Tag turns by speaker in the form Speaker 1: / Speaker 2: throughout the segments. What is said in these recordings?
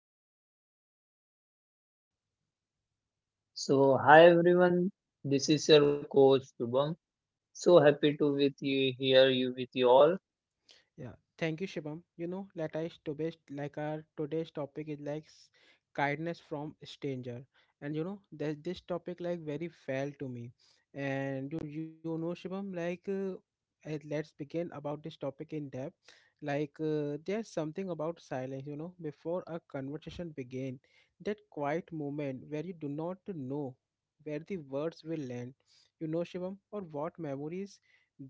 Speaker 1: is our co host Shivam.
Speaker 2: So, hi everyone, this is your coach Shubham. So happy to with you here, you with you all.
Speaker 1: Yeah, thank you, Shibam. Let us to best like our today's topic is like kindness from stranger, and you know that this topic like very fell to me, and you know Shibam like. And let's begin about this topic in depth like there's something about silence you know before a conversation begin, that quiet moment where you do not know where the words will land, you know Shivam, or what memories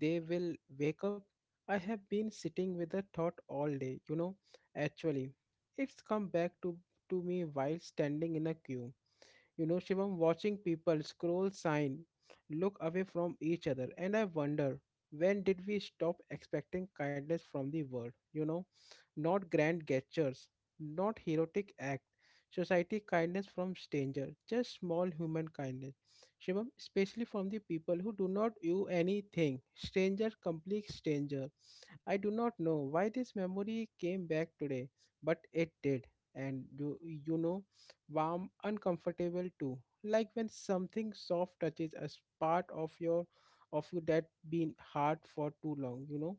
Speaker 1: they will wake up. I have been sitting with the thought all day, you know. Actually, it's come to me while standing in a queue. You know, Shivam, watching people scroll, sign, look away from each other, and I wonder when did we stop expecting kindness from the world, you know? Not grand gestures, not heroic act. Society kindness from stranger, just small human kindness. Shivam, especially from the people who do not owe anything. Stranger, complete stranger. I do not know why this memory came back today, but it did. And you know, warm, uncomfortable too. Like when something soft touches a part of you that been hard for too long, you know.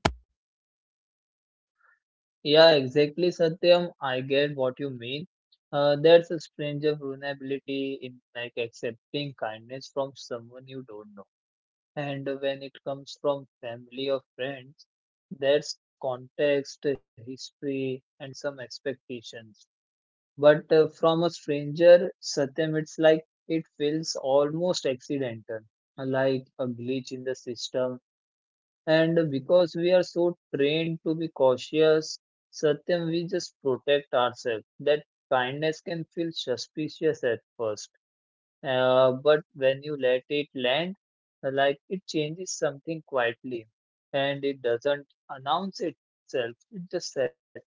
Speaker 2: Yeah, exactly, Satyam. I get what you mean. There's a strange of vulnerability in like accepting kindness from someone you don't know, and when it comes from family or friends, there's context, history, and some expectations. But from a stranger, Satyam, it's like it feels almost accidental, like a glitch in the system. And because we are so trained to be cautious, Satyam, we just protect ourselves. That kindness can feel suspicious at first, but when you let it land, like it changes something quietly, and it doesn't announce itself, it just settles.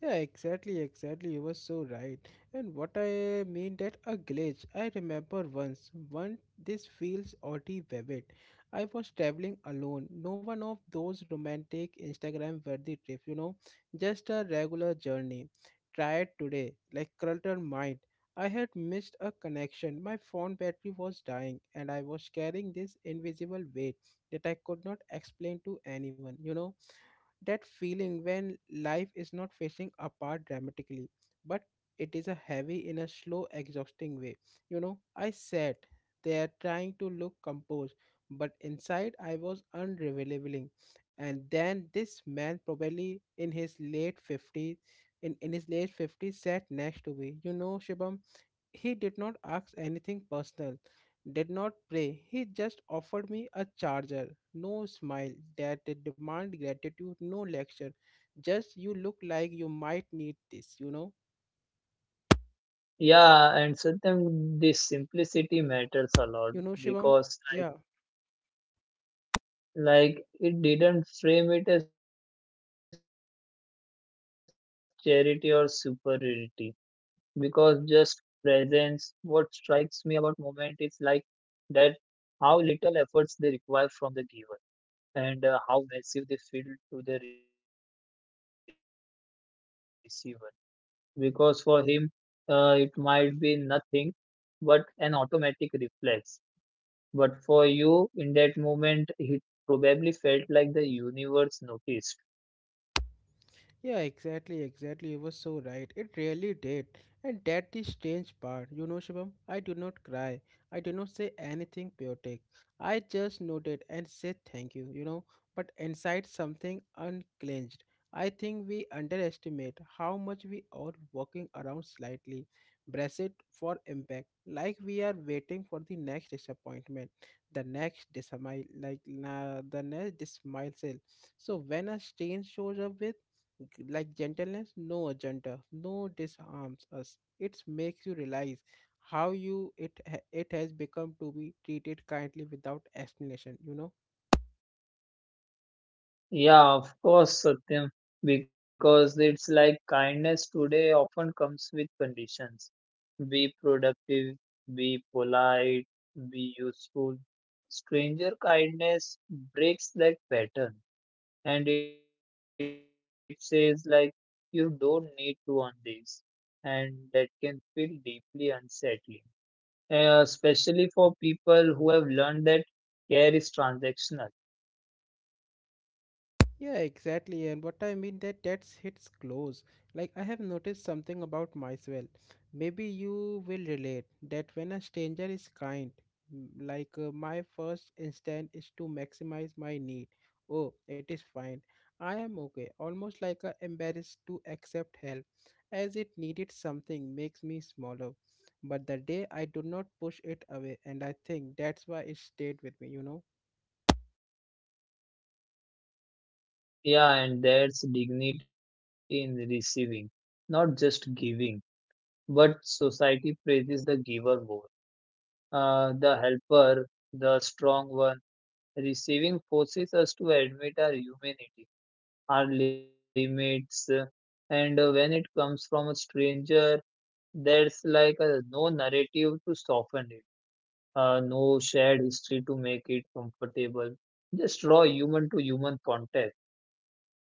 Speaker 1: Yeah, exactly, exactly. You were so right. And what I mean that a glitch. I remember once, one This feels oddly vivid. I was traveling alone. No one of those romantic Instagram worthy trip, you know, just a regular journey. Tried today, like cluttered mind. I had missed a connection. My phone battery was dying, and I was carrying this invisible weight that I could not explain to anyone, you know, that feeling when life is not facing apart dramatically, but it is a heavy in a slow, exhausting way. You know, I sat there trying to look composed, but inside I was unrevealing. And then this man, probably in his late 50s, in his late 50s, sat next to me. You know, Shibam, he did not ask anything personal, did not pray. He just offered me a charger. No smile that did demand gratitude, no lecture. Just you look like you might need this, you know?
Speaker 2: Yeah, and sometimes this simplicity matters a lot
Speaker 1: You know, Shivam?
Speaker 2: because
Speaker 1: Yeah.
Speaker 2: like it didn't frame it as charity or superiority because just presence. What strikes me about moment is like that how little efforts they require from the giver and how massive they feel to the receiver. Because for him, it might be nothing but an automatic reflex. But for you, in that moment, it probably felt like the universe noticed.
Speaker 1: Yeah, exactly, exactly. You were so right. It really did. And that the strange part. You know, Shivam, I do not cry. I do not say anything poetic. I just nodded and said thank you, you know. But inside something unclenched. I think we underestimate how much we are walking around slightly, braced for impact, like we are waiting for the next disappointment, the next dismay, like na the next dismissal. So when a strain shows up with like gentleness, no agenda, no, disarms us. It makes you realize how you it has become to be treated kindly without explanation, you know.
Speaker 2: Yeah, of course, Satyam, because it's like kindness today often comes with conditions. Be productive, be polite, be useful. Stranger kindness breaks that pattern and it says, like, you don't need to earn this. And that can feel deeply unsettling. Especially for people who have learned that care is transactional.
Speaker 1: Yeah, exactly. And what I mean that that hits close. Like I have noticed something about myself. Maybe you will relate that when a stranger is kind, my first instinct is to maximize my need. Oh, it is fine. I am okay. Almost like a embarrassed to accept help, as it needed something makes me smaller. But the day I do not push it away, and I think that's why it stayed with me. You know.
Speaker 2: Yeah, and there's dignity in receiving, not just giving. But society praises the giver more, the helper, the strong one. Receiving forces us to admit our humanity, our limits, and when it comes from a stranger, there's like a, no narrative to soften it. No shared history to make it comfortable. Just raw human to human contact.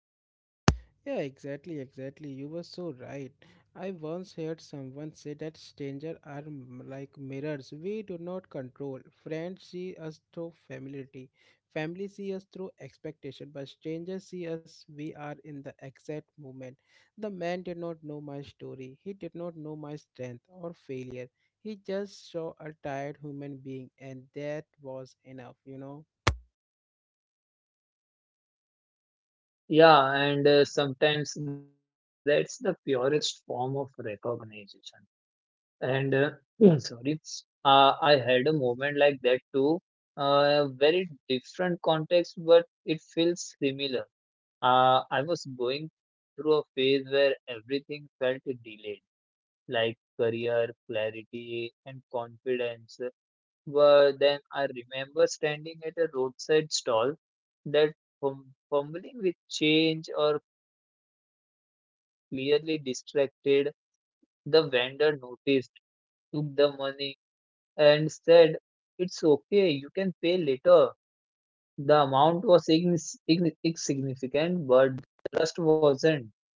Speaker 1: Yeah, exactly, exactly. You were so right. I once heard someone say that strangers are like mirrors. We do not control. Friends see us through familiarity. Family see us through expectation, but strangers see us we are in the exact moment. The man did not know my story. He did not know my strength or failure. He just saw a tired human being and that was enough, you know.
Speaker 2: Yeah, and sometimes that's the purest form of recognition. And sorry, I had a moment like that too. Very different context, but it feels similar. I was going through a phase where everything felt delayed, like career, clarity, and confidence. Were then I remember standing at a roadside stall that fumbling with change or clearly distracted, the vendor noticed, took the money and said, "It's okay, you can pay later." The amount was insignificant, but the trust wasn't.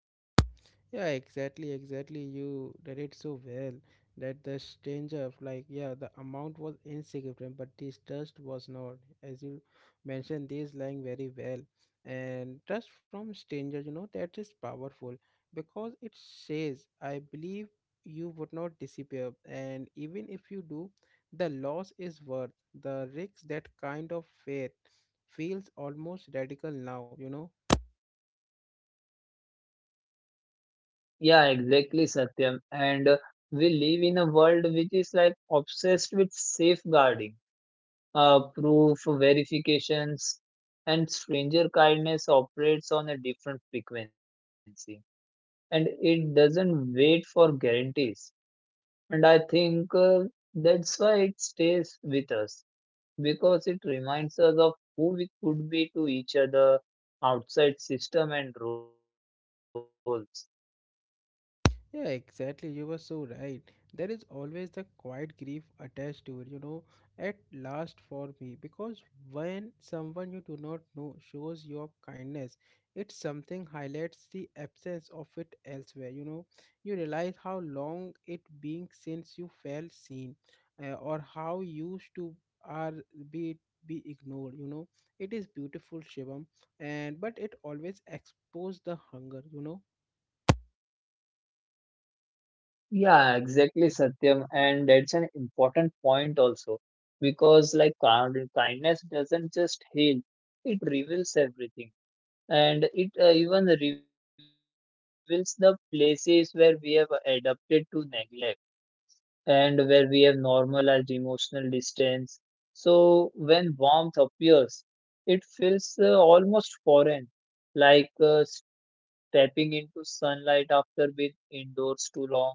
Speaker 1: Yeah, exactly, exactly. You did it so well that the stranger, like, yeah, the amount was insignificant, but this trust was not. As you mentioned, this lying very well. And trust from strangers, you know, that is powerful because it says, I believe you would not disappear. And even if you do, the loss is worth the risk. That kind of faith feels almost radical now, you know.
Speaker 2: Yeah, exactly, Satyam. And we live in a world which is like obsessed with safeguarding proof verifications, and stranger kindness operates on a different frequency, and it doesn't wait for guarantees. And I think that's why it stays with us, because it reminds us of who we could be to each other outside system and roles.
Speaker 1: Yeah, exactly. You were so right. There is always the quiet grief attached to it, you know, at last for me. Because when someone you do not know shows your kindness, it's something highlights the absence of it elsewhere, you know. You realize how long it being since you felt seen, or how used to are be be ignored, you know. It is beautiful, Shivam, and but it always exposes the hunger, you know.
Speaker 2: Yeah, exactly, Satyam. And that's an important point also because, like, kindness doesn't just heal, it reveals everything. And it even reveals the places where we have adapted to neglect, and where we have normalized emotional distance. So, when warmth appears, it feels almost foreign, like stepping into sunlight after being indoors too long.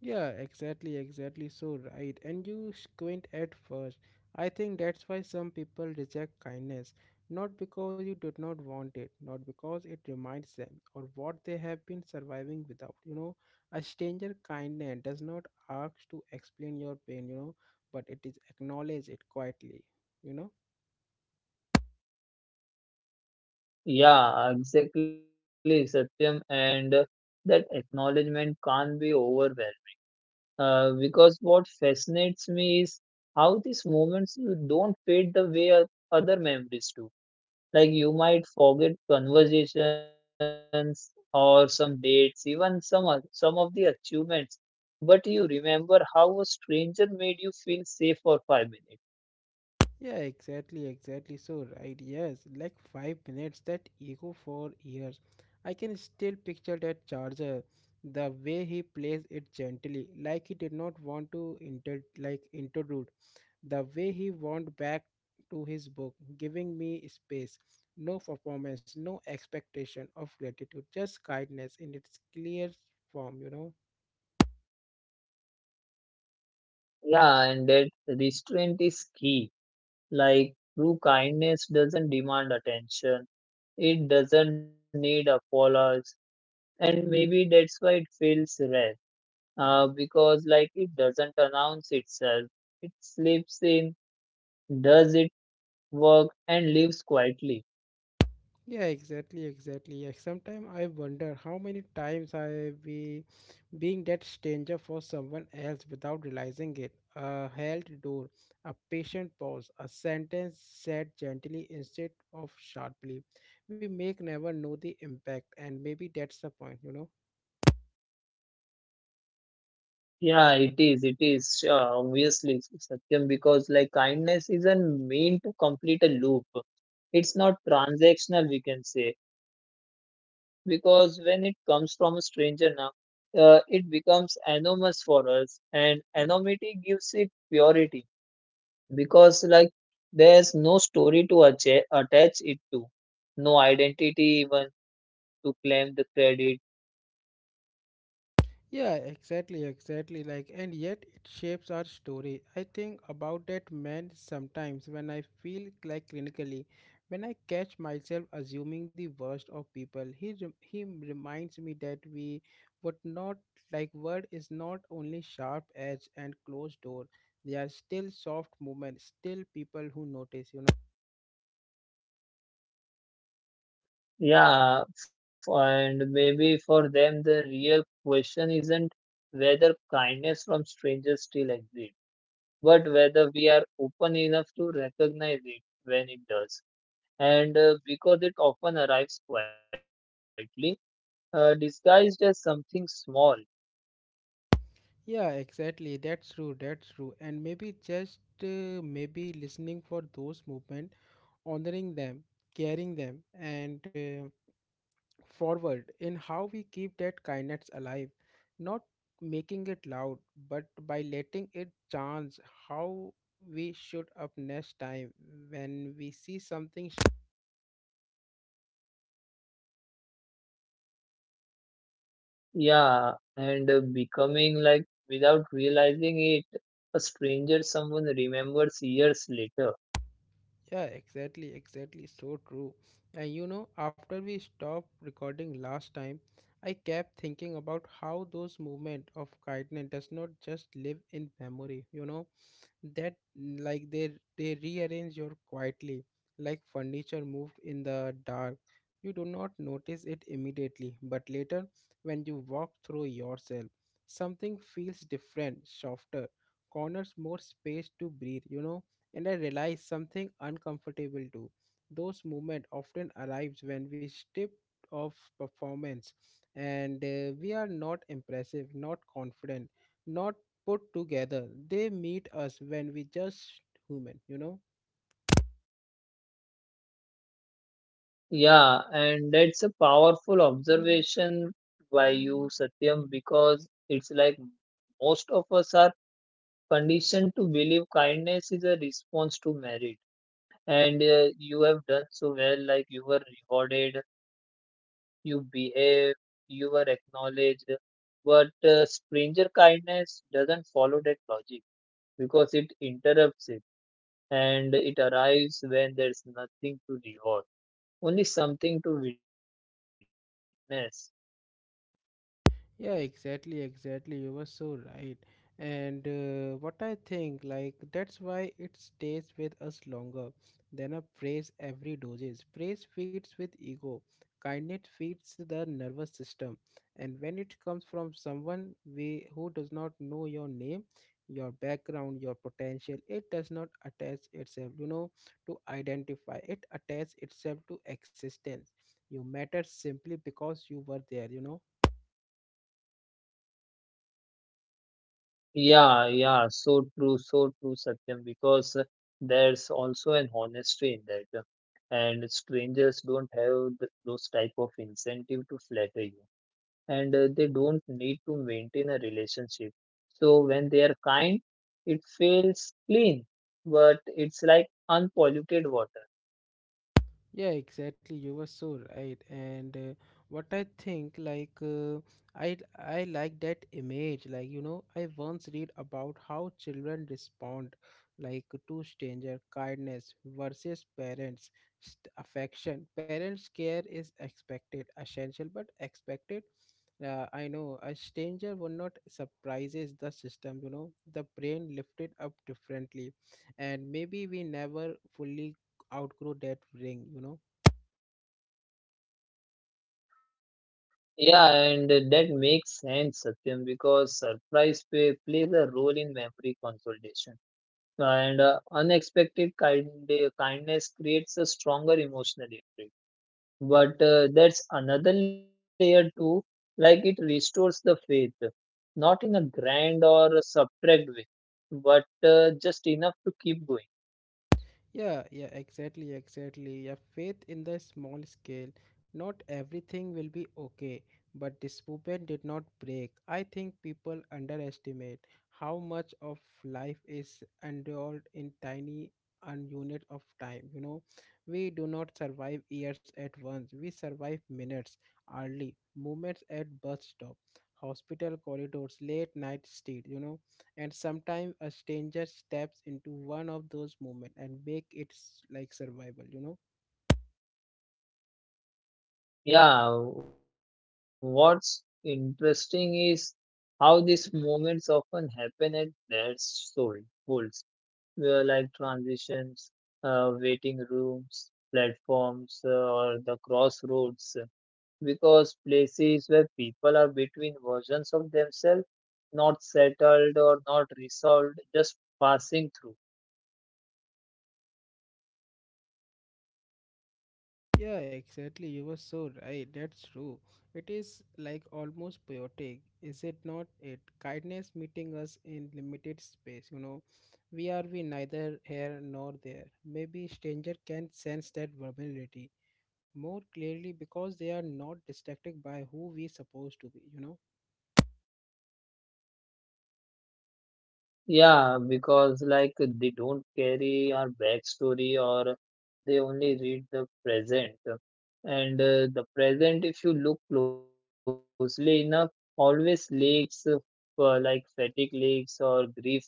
Speaker 1: Yeah, exactly, exactly. So right. And you squint at first. I think that's why some people reject kindness. Not because you did not want it, not because it reminds them or what they have been surviving without. You know, a stranger kindness does not ask to explain your pain, you know, but it is acknowledge it quietly, you know.
Speaker 2: Yeah, exactly, Satyam. And that acknowledgement can't be overwhelmed. Because what fascinates me is how these moments you don't fade the way other memories do. Like you might forget conversations or some dates, even some of the achievements, but you remember how a stranger made you feel safe for 5 minutes.
Speaker 1: Yeah, exactly, exactly. So, right, yes, like 5 minutes, that ego for years. I can still picture that charger, the way he plays it gently, like he did not want to inter like intrude, the way he went back to his book, giving me space, no performance, no expectation of gratitude, just kindness in its clear form, you know.
Speaker 2: Yeah, and that restraint is key. Like true kindness doesn't demand attention, it doesn't need apologies, and maybe that's why it feels rare. Because like it doesn't announce itself, it slips in, does its work, and leaves quietly.
Speaker 1: Yeah, exactly, exactly. Yeah. Sometimes I wonder how many times I we being that stranger for someone else without realizing it, a held door, a patient pause, a sentence said gently instead of sharply. We may never know the impact, and maybe that's the point, you know.
Speaker 2: Yeah, it is. It is sure, obviously Satyam, because like kindness isn't meant to complete a loop. It's not transactional, we can say, because when it comes from a stranger now, it becomes anonymous for us, and anonymity gives it purity because, like, there's no story to attach it to, no identity even to claim the credit.
Speaker 1: Yeah, exactly, exactly. Like, and yet it shapes our story. I think about that man sometimes when I feel like clinically, when I catch myself assuming the worst of people. He reminds me that we would not like word is not only sharp edge and closed door. They are still soft movement, still people who notice. You know.
Speaker 2: Yeah, and maybe for them, the real question isn't whether kindness from strangers still exists, but whether we are open enough to recognize it when it does. And because it often arrives quietly, disguised as something small.
Speaker 1: Yeah, exactly. That's true. That's true. And maybe just maybe listening for those movement, honoring them, caring them, and forward in how we keep that kindness alive, not making it loud, but by letting it chance how we should up next time when we see something
Speaker 2: Yeah, and becoming like without realizing it, a stranger someone remembers years later.
Speaker 1: yeah, exactly, exactly, so true. And you know, after we stopped recording last time, I kept thinking about how those movement of kindness does not just live in memory, you know, that like they rearrange your quietly, like furniture moved in the dark. You do not notice it immediately, but later when you walk through yourself, something feels different, softer corners, more space to breathe, you know. And I realize something uncomfortable too. Those moments often arrives when we strip of performance, and we are not impressive, not confident, not put together. They meet us when we just human, you know.
Speaker 2: Yeah, and that's a powerful observation by you, Satyam, because it's like most of us are conditioned to believe kindness is a response to merit, and you have done so well like you were rewarded, you behave, you were acknowledged. But stranger kindness doesn't follow that logic, because it interrupts it, and it arrives when there's nothing to reward, only something to witness.
Speaker 1: Yeah, exactly, exactly. You were so right. And what I think, like, that's why it stays with us longer than a praise every doses. Praise feeds with ego, kindness feeds the nervous system. And when it comes from someone we, who does not know your name, your background, your potential, it does not attach itself, you know, to identify. It attaches itself to existence. You matter simply because you were there, you know.
Speaker 2: Yeah, yeah, so true, Satyam, because there's also an honesty in that. And strangers don't have th those type of incentive to flatter you, and they don't need to maintain a relationship. So when they are kind, it feels clean, but it's like unpolluted water.
Speaker 1: Yeah, exactly. You were so right. And what I think, like, I like that image. Like, you know, I once read about how children respond, like, to stranger kindness versus parents' affection. Parents' care is expected, essential, but expected. I know a stranger would not surprises the system. You know, the brain lifted up differently, and maybe we never fully outgrow that ring, you know.
Speaker 2: Yeah, and that makes sense, Satyam, because surprise plays a role in memory consolidation, and unexpected kindness creates a stronger emotional impact. But that's another layer too, like it restores the faith, not in a grand or a subtract way, but just enough to keep going.
Speaker 1: Yeah, yeah, exactly, exactly, yeah, faith in the small scale. Not everything will be okay, but this movement did not break. I think people underestimate how much of life is enrolled in tiny and unit of time, you know. We do not survive years at once, we survive minutes, hourly moments at bus stop, hospital corridors, late night street, you know. And sometimes a stranger steps into one of those moments and make it like survival, you know.
Speaker 2: Yeah, what's interesting is how these moments often happen at their soul, like transitions, waiting rooms, platforms, or the crossroads, because places where people are between versions of themselves, not settled or not resolved, just passing through.
Speaker 1: Yeah, exactly, you were so right, that's true. It is like almost poetic, is it not? It kindness meeting us in limited space, you know. We neither here nor there. Maybe stranger can sense that vulnerability more clearly because they are not distracted by who we supposed to be, you know.
Speaker 2: Yeah, because like they don't carry our backstory, or they only read the present. And the present, if you look closely enough, always lakes for like fatigue lakes or grief lakes,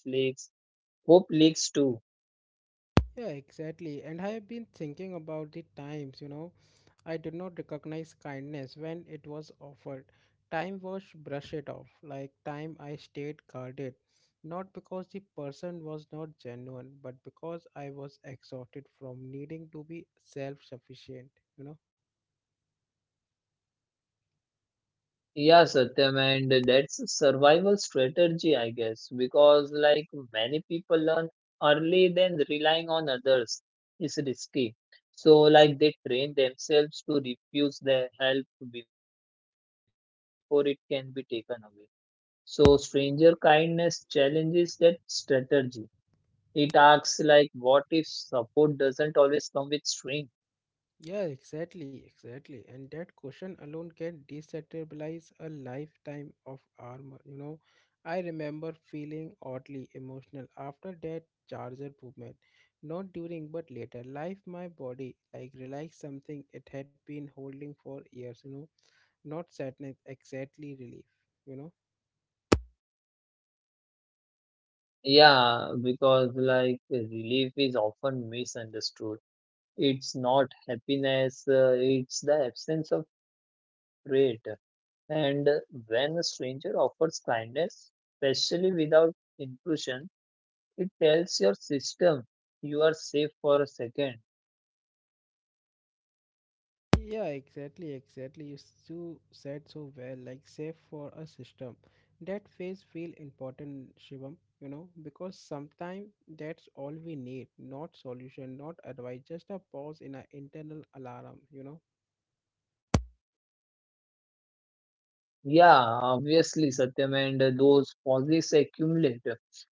Speaker 2: hope lakes too.
Speaker 1: Yeah, exactly. And I have been thinking about the times, you know, I did not recognize kindness when it was offered. Time was brush it off, like time I stayed guarded, not because the person was not genuine, but because I was exhausted from needing to be self sufficient, you know.
Speaker 2: Yeah, Satyam, and that's a survival strategy, I guess, because like many people learn early, then relying on others is risky. So, like, they train themselves to refuse their help before it can be taken away. So, stranger kindness challenges that strategy. It asks, like, what if support doesn't always come with strength?
Speaker 1: Yeah, exactly, exactly. And that question alone can destabilize a lifetime of armor. You know, I remember feeling oddly emotional after that charger movement. Not during, but later. Life, my body, like relaxed something it had been holding for years. You know, not sadness, exactly relief. You know.
Speaker 2: Yeah, because, like, relief is often misunderstood. It's not happiness, it's the absence of dread. And when a stranger offers kindness, especially without intrusion, it tells your system you are safe for a second.
Speaker 1: Yeah, exactly, exactly. You said so well, like save for a system. That phase feel important, Shivam, you know, because sometimes that's all we need, not solution, not advice, just a pause in an internal alarm, you know.
Speaker 2: Yeah, obviously, Satyam, and those pauses accumulate.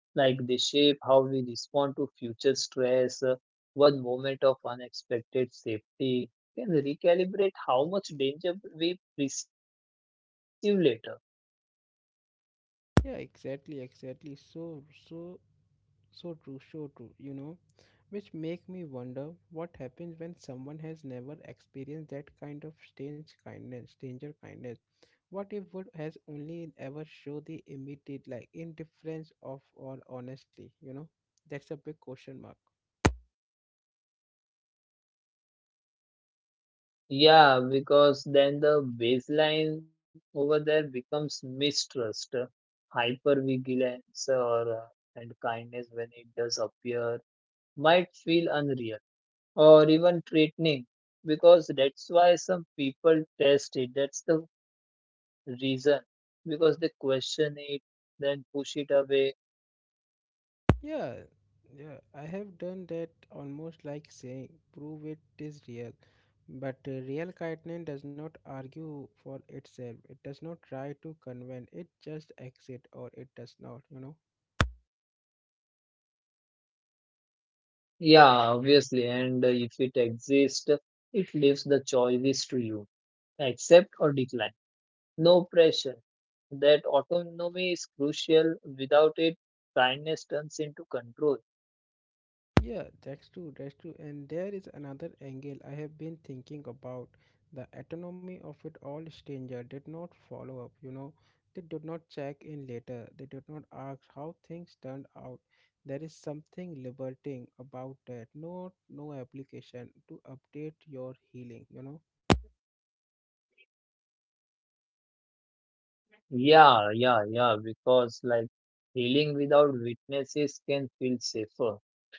Speaker 2: Like they shape how we respond to future stress. One moment of unexpected safety can recalibrate how much danger we perceive later.
Speaker 1: Yeah, exactly, exactly. So, so true, so true, you know, which make me wonder what happens when someone has never experienced that kind of strange kindness, stranger kindness. What if would has only ever show the immediate like indifference of or honestly, you know? That's a big question mark.
Speaker 2: Yeah, because then the baseline over there becomes mistrust, hypervigilance, or and kindness when it does appear might feel unreal, or even threatening, because that's why some people test it. That's the reason, because they question it, then push it away.
Speaker 1: Yeah, yeah, I have done that almost like saying prove it is real. But real kindness does not argue for itself. It does not try to convince. It just exit or it does not, you know.
Speaker 2: Yeah, obviously. And if it exists, it leaves the choices to you: accept or decline, no pressure. That autonomy is crucial; without it, kindness turns into control.
Speaker 1: Yeah, that's true, that's true. And there is another angle I have been thinking about. The autonomy of it all stranger did not follow up, you know. They did not check in later. They did not ask how things turned out. There is something liberating about that. No no application to update your healing, you know.
Speaker 2: Yeah, yeah, yeah, because like healing without witnesses can feel safer,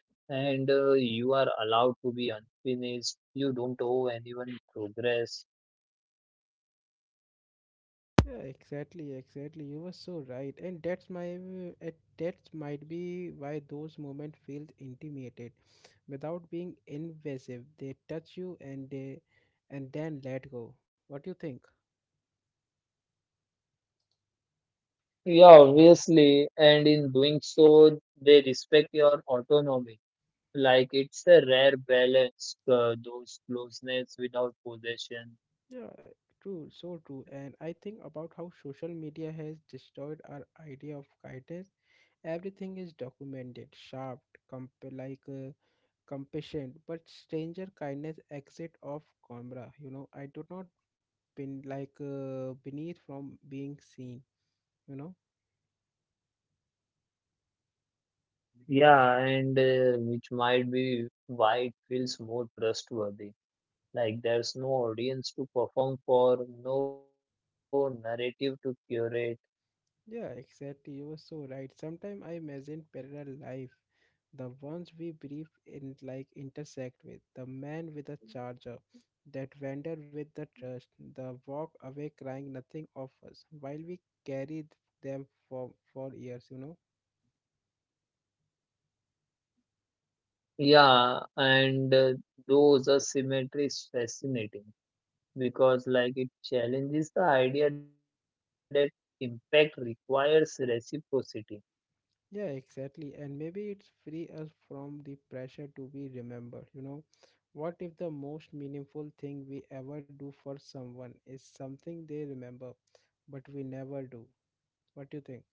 Speaker 2: and you are allowed to be unfinished. You don't owe anyone progress.
Speaker 1: Yeah, exactly, exactly. You were so right, and that's my uh, that might be why those moments feel intimated, without being invasive. They touch you and they, and then let go. What do you think?
Speaker 2: Yeah, obviously, and in doing so, they respect your autonomy. Like it's a rare balance, those closeness without
Speaker 1: Yeah, true,
Speaker 2: possession.
Speaker 1: so true. And I think about how social media has destroyed our idea of kindness. Everything is documented, sharp, comp like. Compassion but stranger kindness exit off camera, you know. I do not been like beneath from being seen, you know.
Speaker 2: Yeah, and which might be why it feels more trustworthy. Like there's no audience to perform for, no narrative to curate.
Speaker 1: Yeah, exactly, you were so right. Sometimes I imagine parallel life, the ones we brief in like intersect with the man with a charger, that vendor with the trust, the walk away crying nothing of us while we carry them for years, you know.
Speaker 2: Yeah, and those asymmetry is fascinating because, like, it challenges the idea that impact requires reciprocity.
Speaker 1: Yeah, exactly. And maybe it's free us from the pressure to be remembered, you know. What if the most meaningful thing we ever do for someone is something they remember, but we never do? What do you think?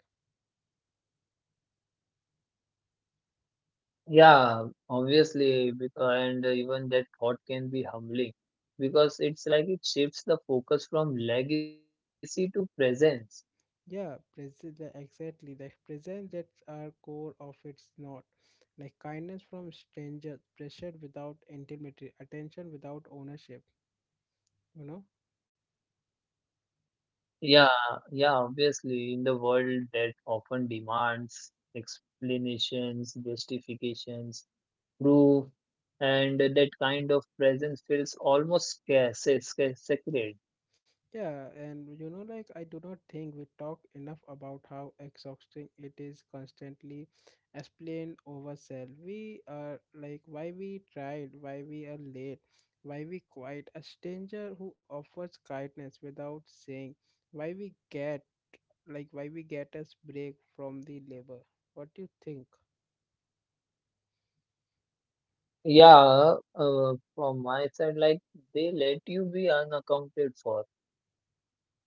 Speaker 2: Yeah, obviously, because, and even that thought can be humbling because it's like it shifts the focus from legacy to presence.
Speaker 1: Yeah, present, exactly. The presence that's our core of it's not. Like kindness from strangers, pressure without intimacy, attention without ownership, you know.
Speaker 2: Yeah, yeah, obviously, in the world that often demands explanations, justifications, proof, and that kind of presence feels almost
Speaker 1: Yeah,
Speaker 2: sacred.
Speaker 1: and you know, like I do not think we talk enough about how exhausting it is constantly explained over cell. We are like why we tried, why we are late, why we quiet a stranger who offers kindness without saying, why we get like why we get us break from the labor. What do you think?
Speaker 2: Yeah, from my side, like they let you be unaccounted for,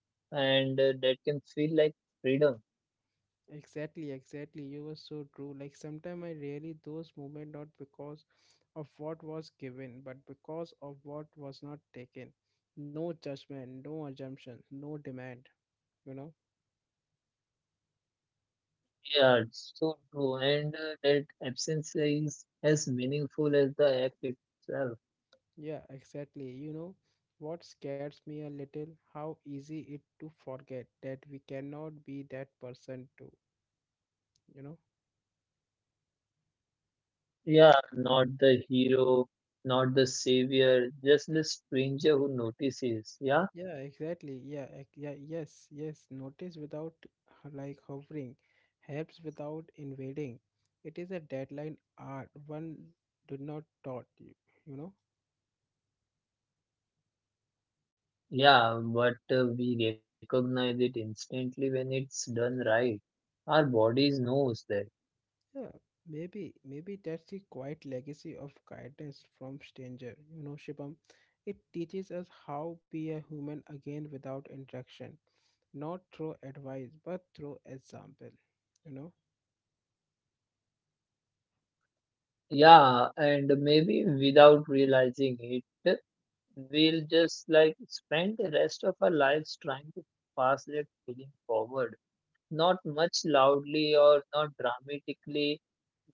Speaker 2: and that can feel like freedom.
Speaker 1: Exactly, exactly. You were so true. Like sometimes I really those moments not because of what was given, but because of what was not taken. No judgment, no assumption, no demand. You know?
Speaker 2: Yeah, it's so true. And that absence is as meaningful as the act itself.
Speaker 1: Yeah, exactly. You know what scares me a little? How easy it to forget that we cannot be that person too. You know?
Speaker 2: Yeah, not the hero, not the savior, just the stranger who notices. Yeah.
Speaker 1: Yeah, exactly. Yeah, yeah, yes, yes. Notice without like hovering, helps without invading. It is a deadline art one did not taught you, you know?
Speaker 2: Yeah, but we recognize it instantly when it's done right. Our bodies knows that.
Speaker 1: Yeah, maybe that's the quiet legacy of guidance from stranger, you know, Shibam. It teaches us how be a human again without interaction, not through advice, but through example, you know?
Speaker 2: Yeah, and maybe without realizing it, we'll just like spend the rest of our lives trying to pass that feeling forward. Not much loudly or not dramatically,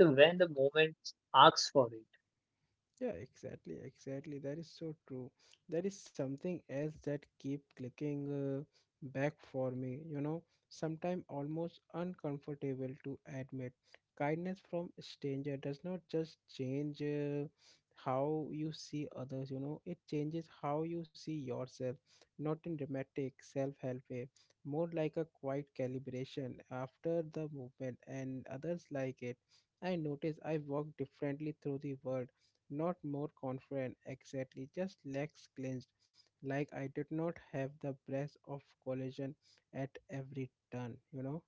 Speaker 2: just when the moment asks for it.
Speaker 1: Yeah, exactly, exactly. That is so true. There is something else that keep clicking back for me, you know, sometimes almost uncomfortable to admit. Kindness from stranger does not just change how you see others, you know, it changes how you see yourself, not in dramatic self-help way, more like a quiet calibration after the movement and others like it. I notice I walk differently through the world, not more confident exactly, just legs clenched, like I did not have the breath of collision at every turn, you know.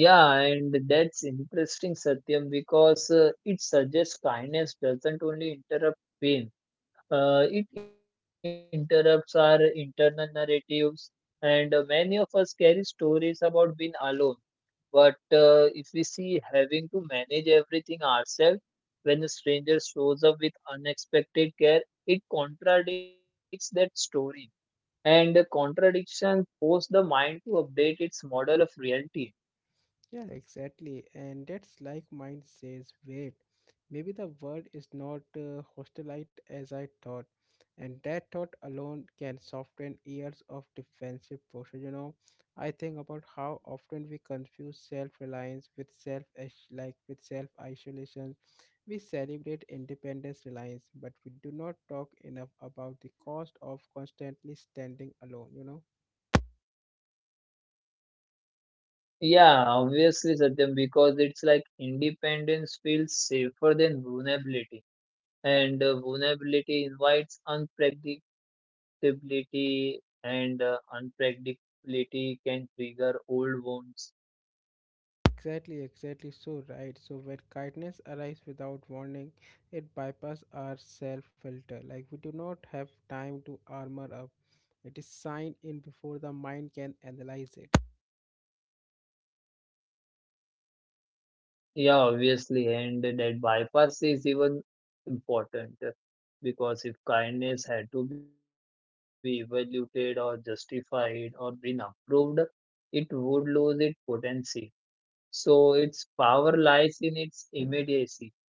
Speaker 2: Yeah, and that's interesting, Satyam, because it suggests kindness doesn't only interrupt pain, it interrupts our internal narratives. And many of us carry stories about being alone. But if we see having to manage everything ourselves, when a stranger shows up with unexpected care, it contradicts that story. And contradiction forces the mind to update its model of reality.
Speaker 1: Yeah, exactly. And that's like mind says, wait, maybe the world is not hostile as I thought. And that thought alone can soften years of defensive posture. You know, I think about how often we confuse self-reliance with self like with self-isolation. We celebrate independence reliance, but we do not talk enough about the cost of constantly standing alone, you know.
Speaker 2: Yeah, obviously, Satyam, because it's like independence feels safer than vulnerability, and vulnerability invites unpredictability, and unpredictability can trigger old wounds.
Speaker 1: Exactly, exactly so right. So when kindness arrives without warning, it bypasses our self filter. Like we do not have time to armor up. It is signed in before the mind can analyze it.
Speaker 2: Yeah, obviously, and that bypass is even important, because if kindness had to be evaluated or justified or been approved, it would lose its potency. So its power lies in its immediacy.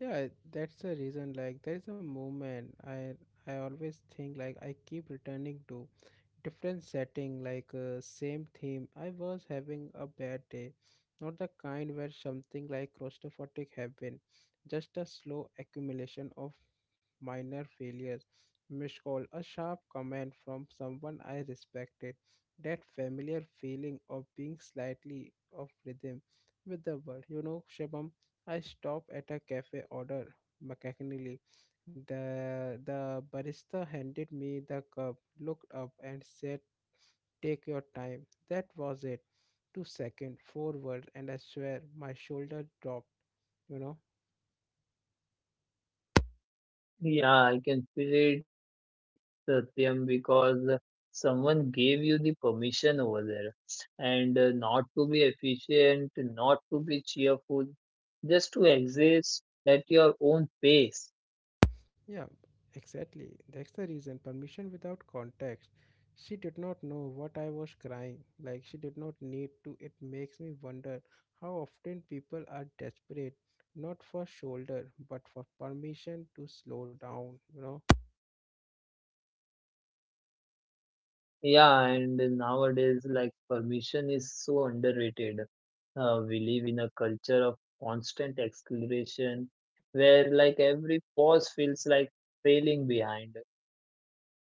Speaker 1: Yeah, that's the reason. Like there is a moment I always think like I keep returning to, different setting like same theme. I was having a bad day, not the kind where something like claustrophobic happened, just a slow accumulation of minor failures, missed call, a sharp comment from someone I respected, that familiar feeling of being slightly off rhythm with the world, you know, Shabam. I stopped at a cafe, order mechanically. The barista handed me the cup, looked up and said, "Take your time." That was it. 2 seconds, 4 words, and I swear my shoulder dropped. You know?
Speaker 2: Yeah, I can feel it, Satyam, because someone gave you the permission over there. And not to be efficient, not to be cheerful, just to exist at your own pace.
Speaker 1: Yeah, exactly. That's the reason. Permission without context. She did not know what I was crying. Like she did not need to. It makes me wonder how often people are desperate, not for shoulder, but for permission to slow down. You know?
Speaker 2: Yeah, and nowadays, like, permission is so underrated. We live in a culture of constant acceleration where like every pause feels like failing behind.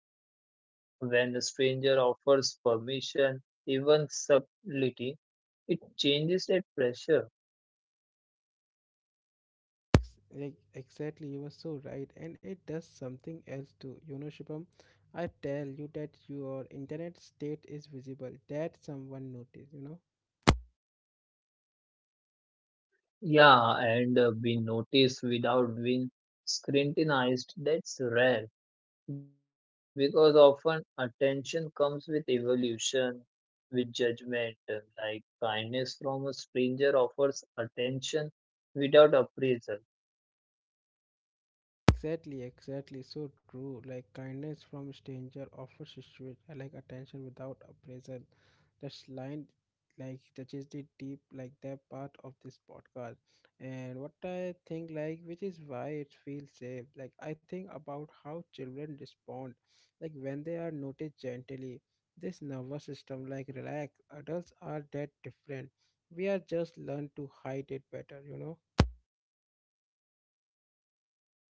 Speaker 2: When a stranger offers permission, even subtlety, it changes that pressure.
Speaker 1: Ex- Exactly, you were so right, and it does something else too. You know, Shubham, I tell you that your internet state is visible, that someone noticed, you know.
Speaker 2: Yeah, and being noticed without being scrutinized, that's rare, because often attention comes with evolution, with judgment. Like kindness from a stranger offers attention without appraisal.
Speaker 1: Exactly, exactly. So true. Like kindness from stranger offers like attention without appraisal. That's line like touches the deep like that part of this podcast. And what I think like which is why it feels safe. Like I think about how children respond like when they are noticed gently. This nervous system like relax. Adults are that different. We are just learn to hide it better, you know.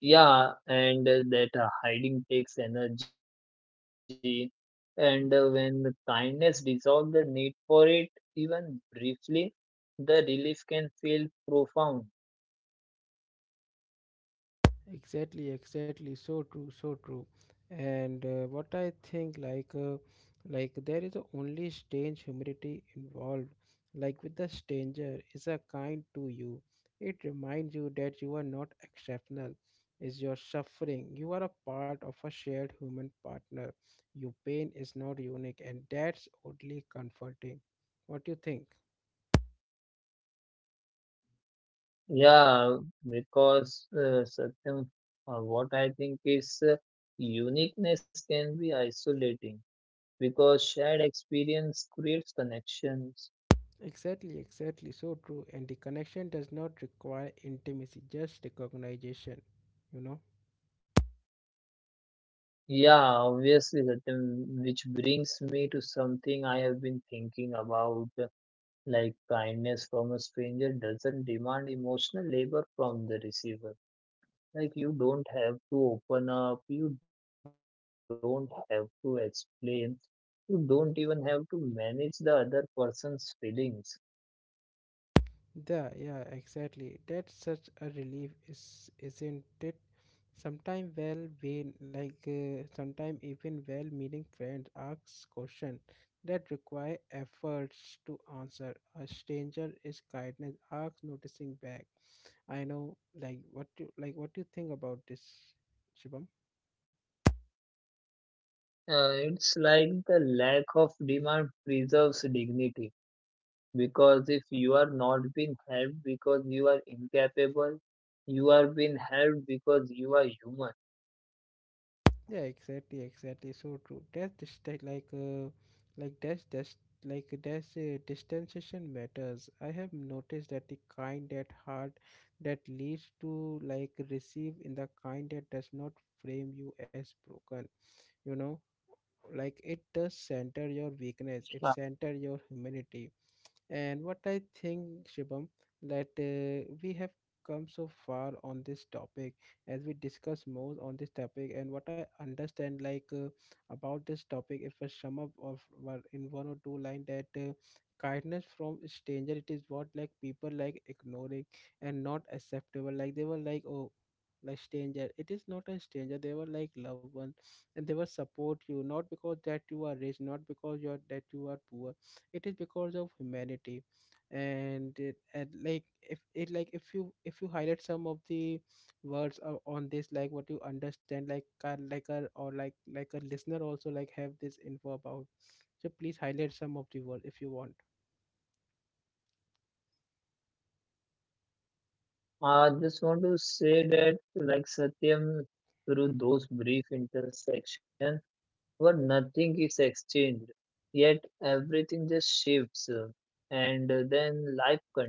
Speaker 2: Yeah, and that hiding takes energy, and when the kindness dissolves the need for it, even briefly, the relief can feel profound.
Speaker 1: Exactly, exactly. So true, so true. And what I think, like there is a only strange humility involved. Like with the stranger, is a kind to you. It reminds you that you are not exceptional. Is your suffering? You are a part of a shared human partner. Your pain is not unique, and that's oddly comforting. What do you think?
Speaker 2: Yeah, because Satyam, what I think is uniqueness can be isolating because shared experience creates connections.
Speaker 1: Exactly, exactly. So true. And the connection does not require intimacy, just recognition, you know?
Speaker 2: Yeah, obviously, Satyam, which brings me to something I have been thinking about, like kindness from a stranger doesn't demand emotional labor from the receiver. Like you don't have to open up, you don't have to explain, you don't even have to manage the other person's feelings.
Speaker 1: Yeah, yeah, exactly. That's such a relief, is isn't it? Sometimes well being like sometimes even well meaning friends ask questions that require efforts to answer. A stranger is kindness, asks noticing back. I know like what you like what do you think about this, Shibam?
Speaker 2: It's like the lack of demand preserves dignity, because if you are not being helped because you are incapable, you are being helped because you are human.
Speaker 1: Yeah, exactly, exactly. So true. That's just like that's just like that's a distanciation matters. I have noticed that the kind that hard that leads to like receive in the kind that does not frame you as broken. You know, like it does center your
Speaker 2: Uh,
Speaker 1: weakness. It center your humanity. And what I think, Shibam, that we have come so far on this topic. As we discuss more on this topic and what I understand like about this topic, if I sum up of in 1 or 2 line, that kindness from stranger, it is what like people like ignoring and not acceptable, like they were like oh, like stranger, it is not a stranger, they were like loved one, and they will support you not because that you are rich, not because you are that you are poor, it is because of humanity. And, it, and like if it like if you highlight some of the words on this, like what you understand, like a or like a listener also like have this info about, so please highlight some of the words if you want.
Speaker 2: I just want to say that, like Satyam, through those brief intersections, where nothing is exchanged, yet everything just shifts, and then life continues.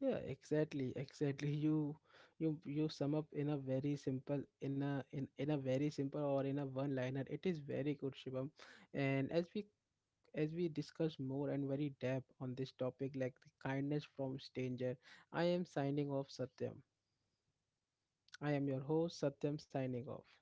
Speaker 1: Yeah, exactly, exactly. You sum up in a very simple in a in a very simple or in a one liner, it is very good, Shivam. And as we discuss more and very depth on this topic, like the kindness from stranger, I am signing off, Satyam. I am your host Satyam signing off.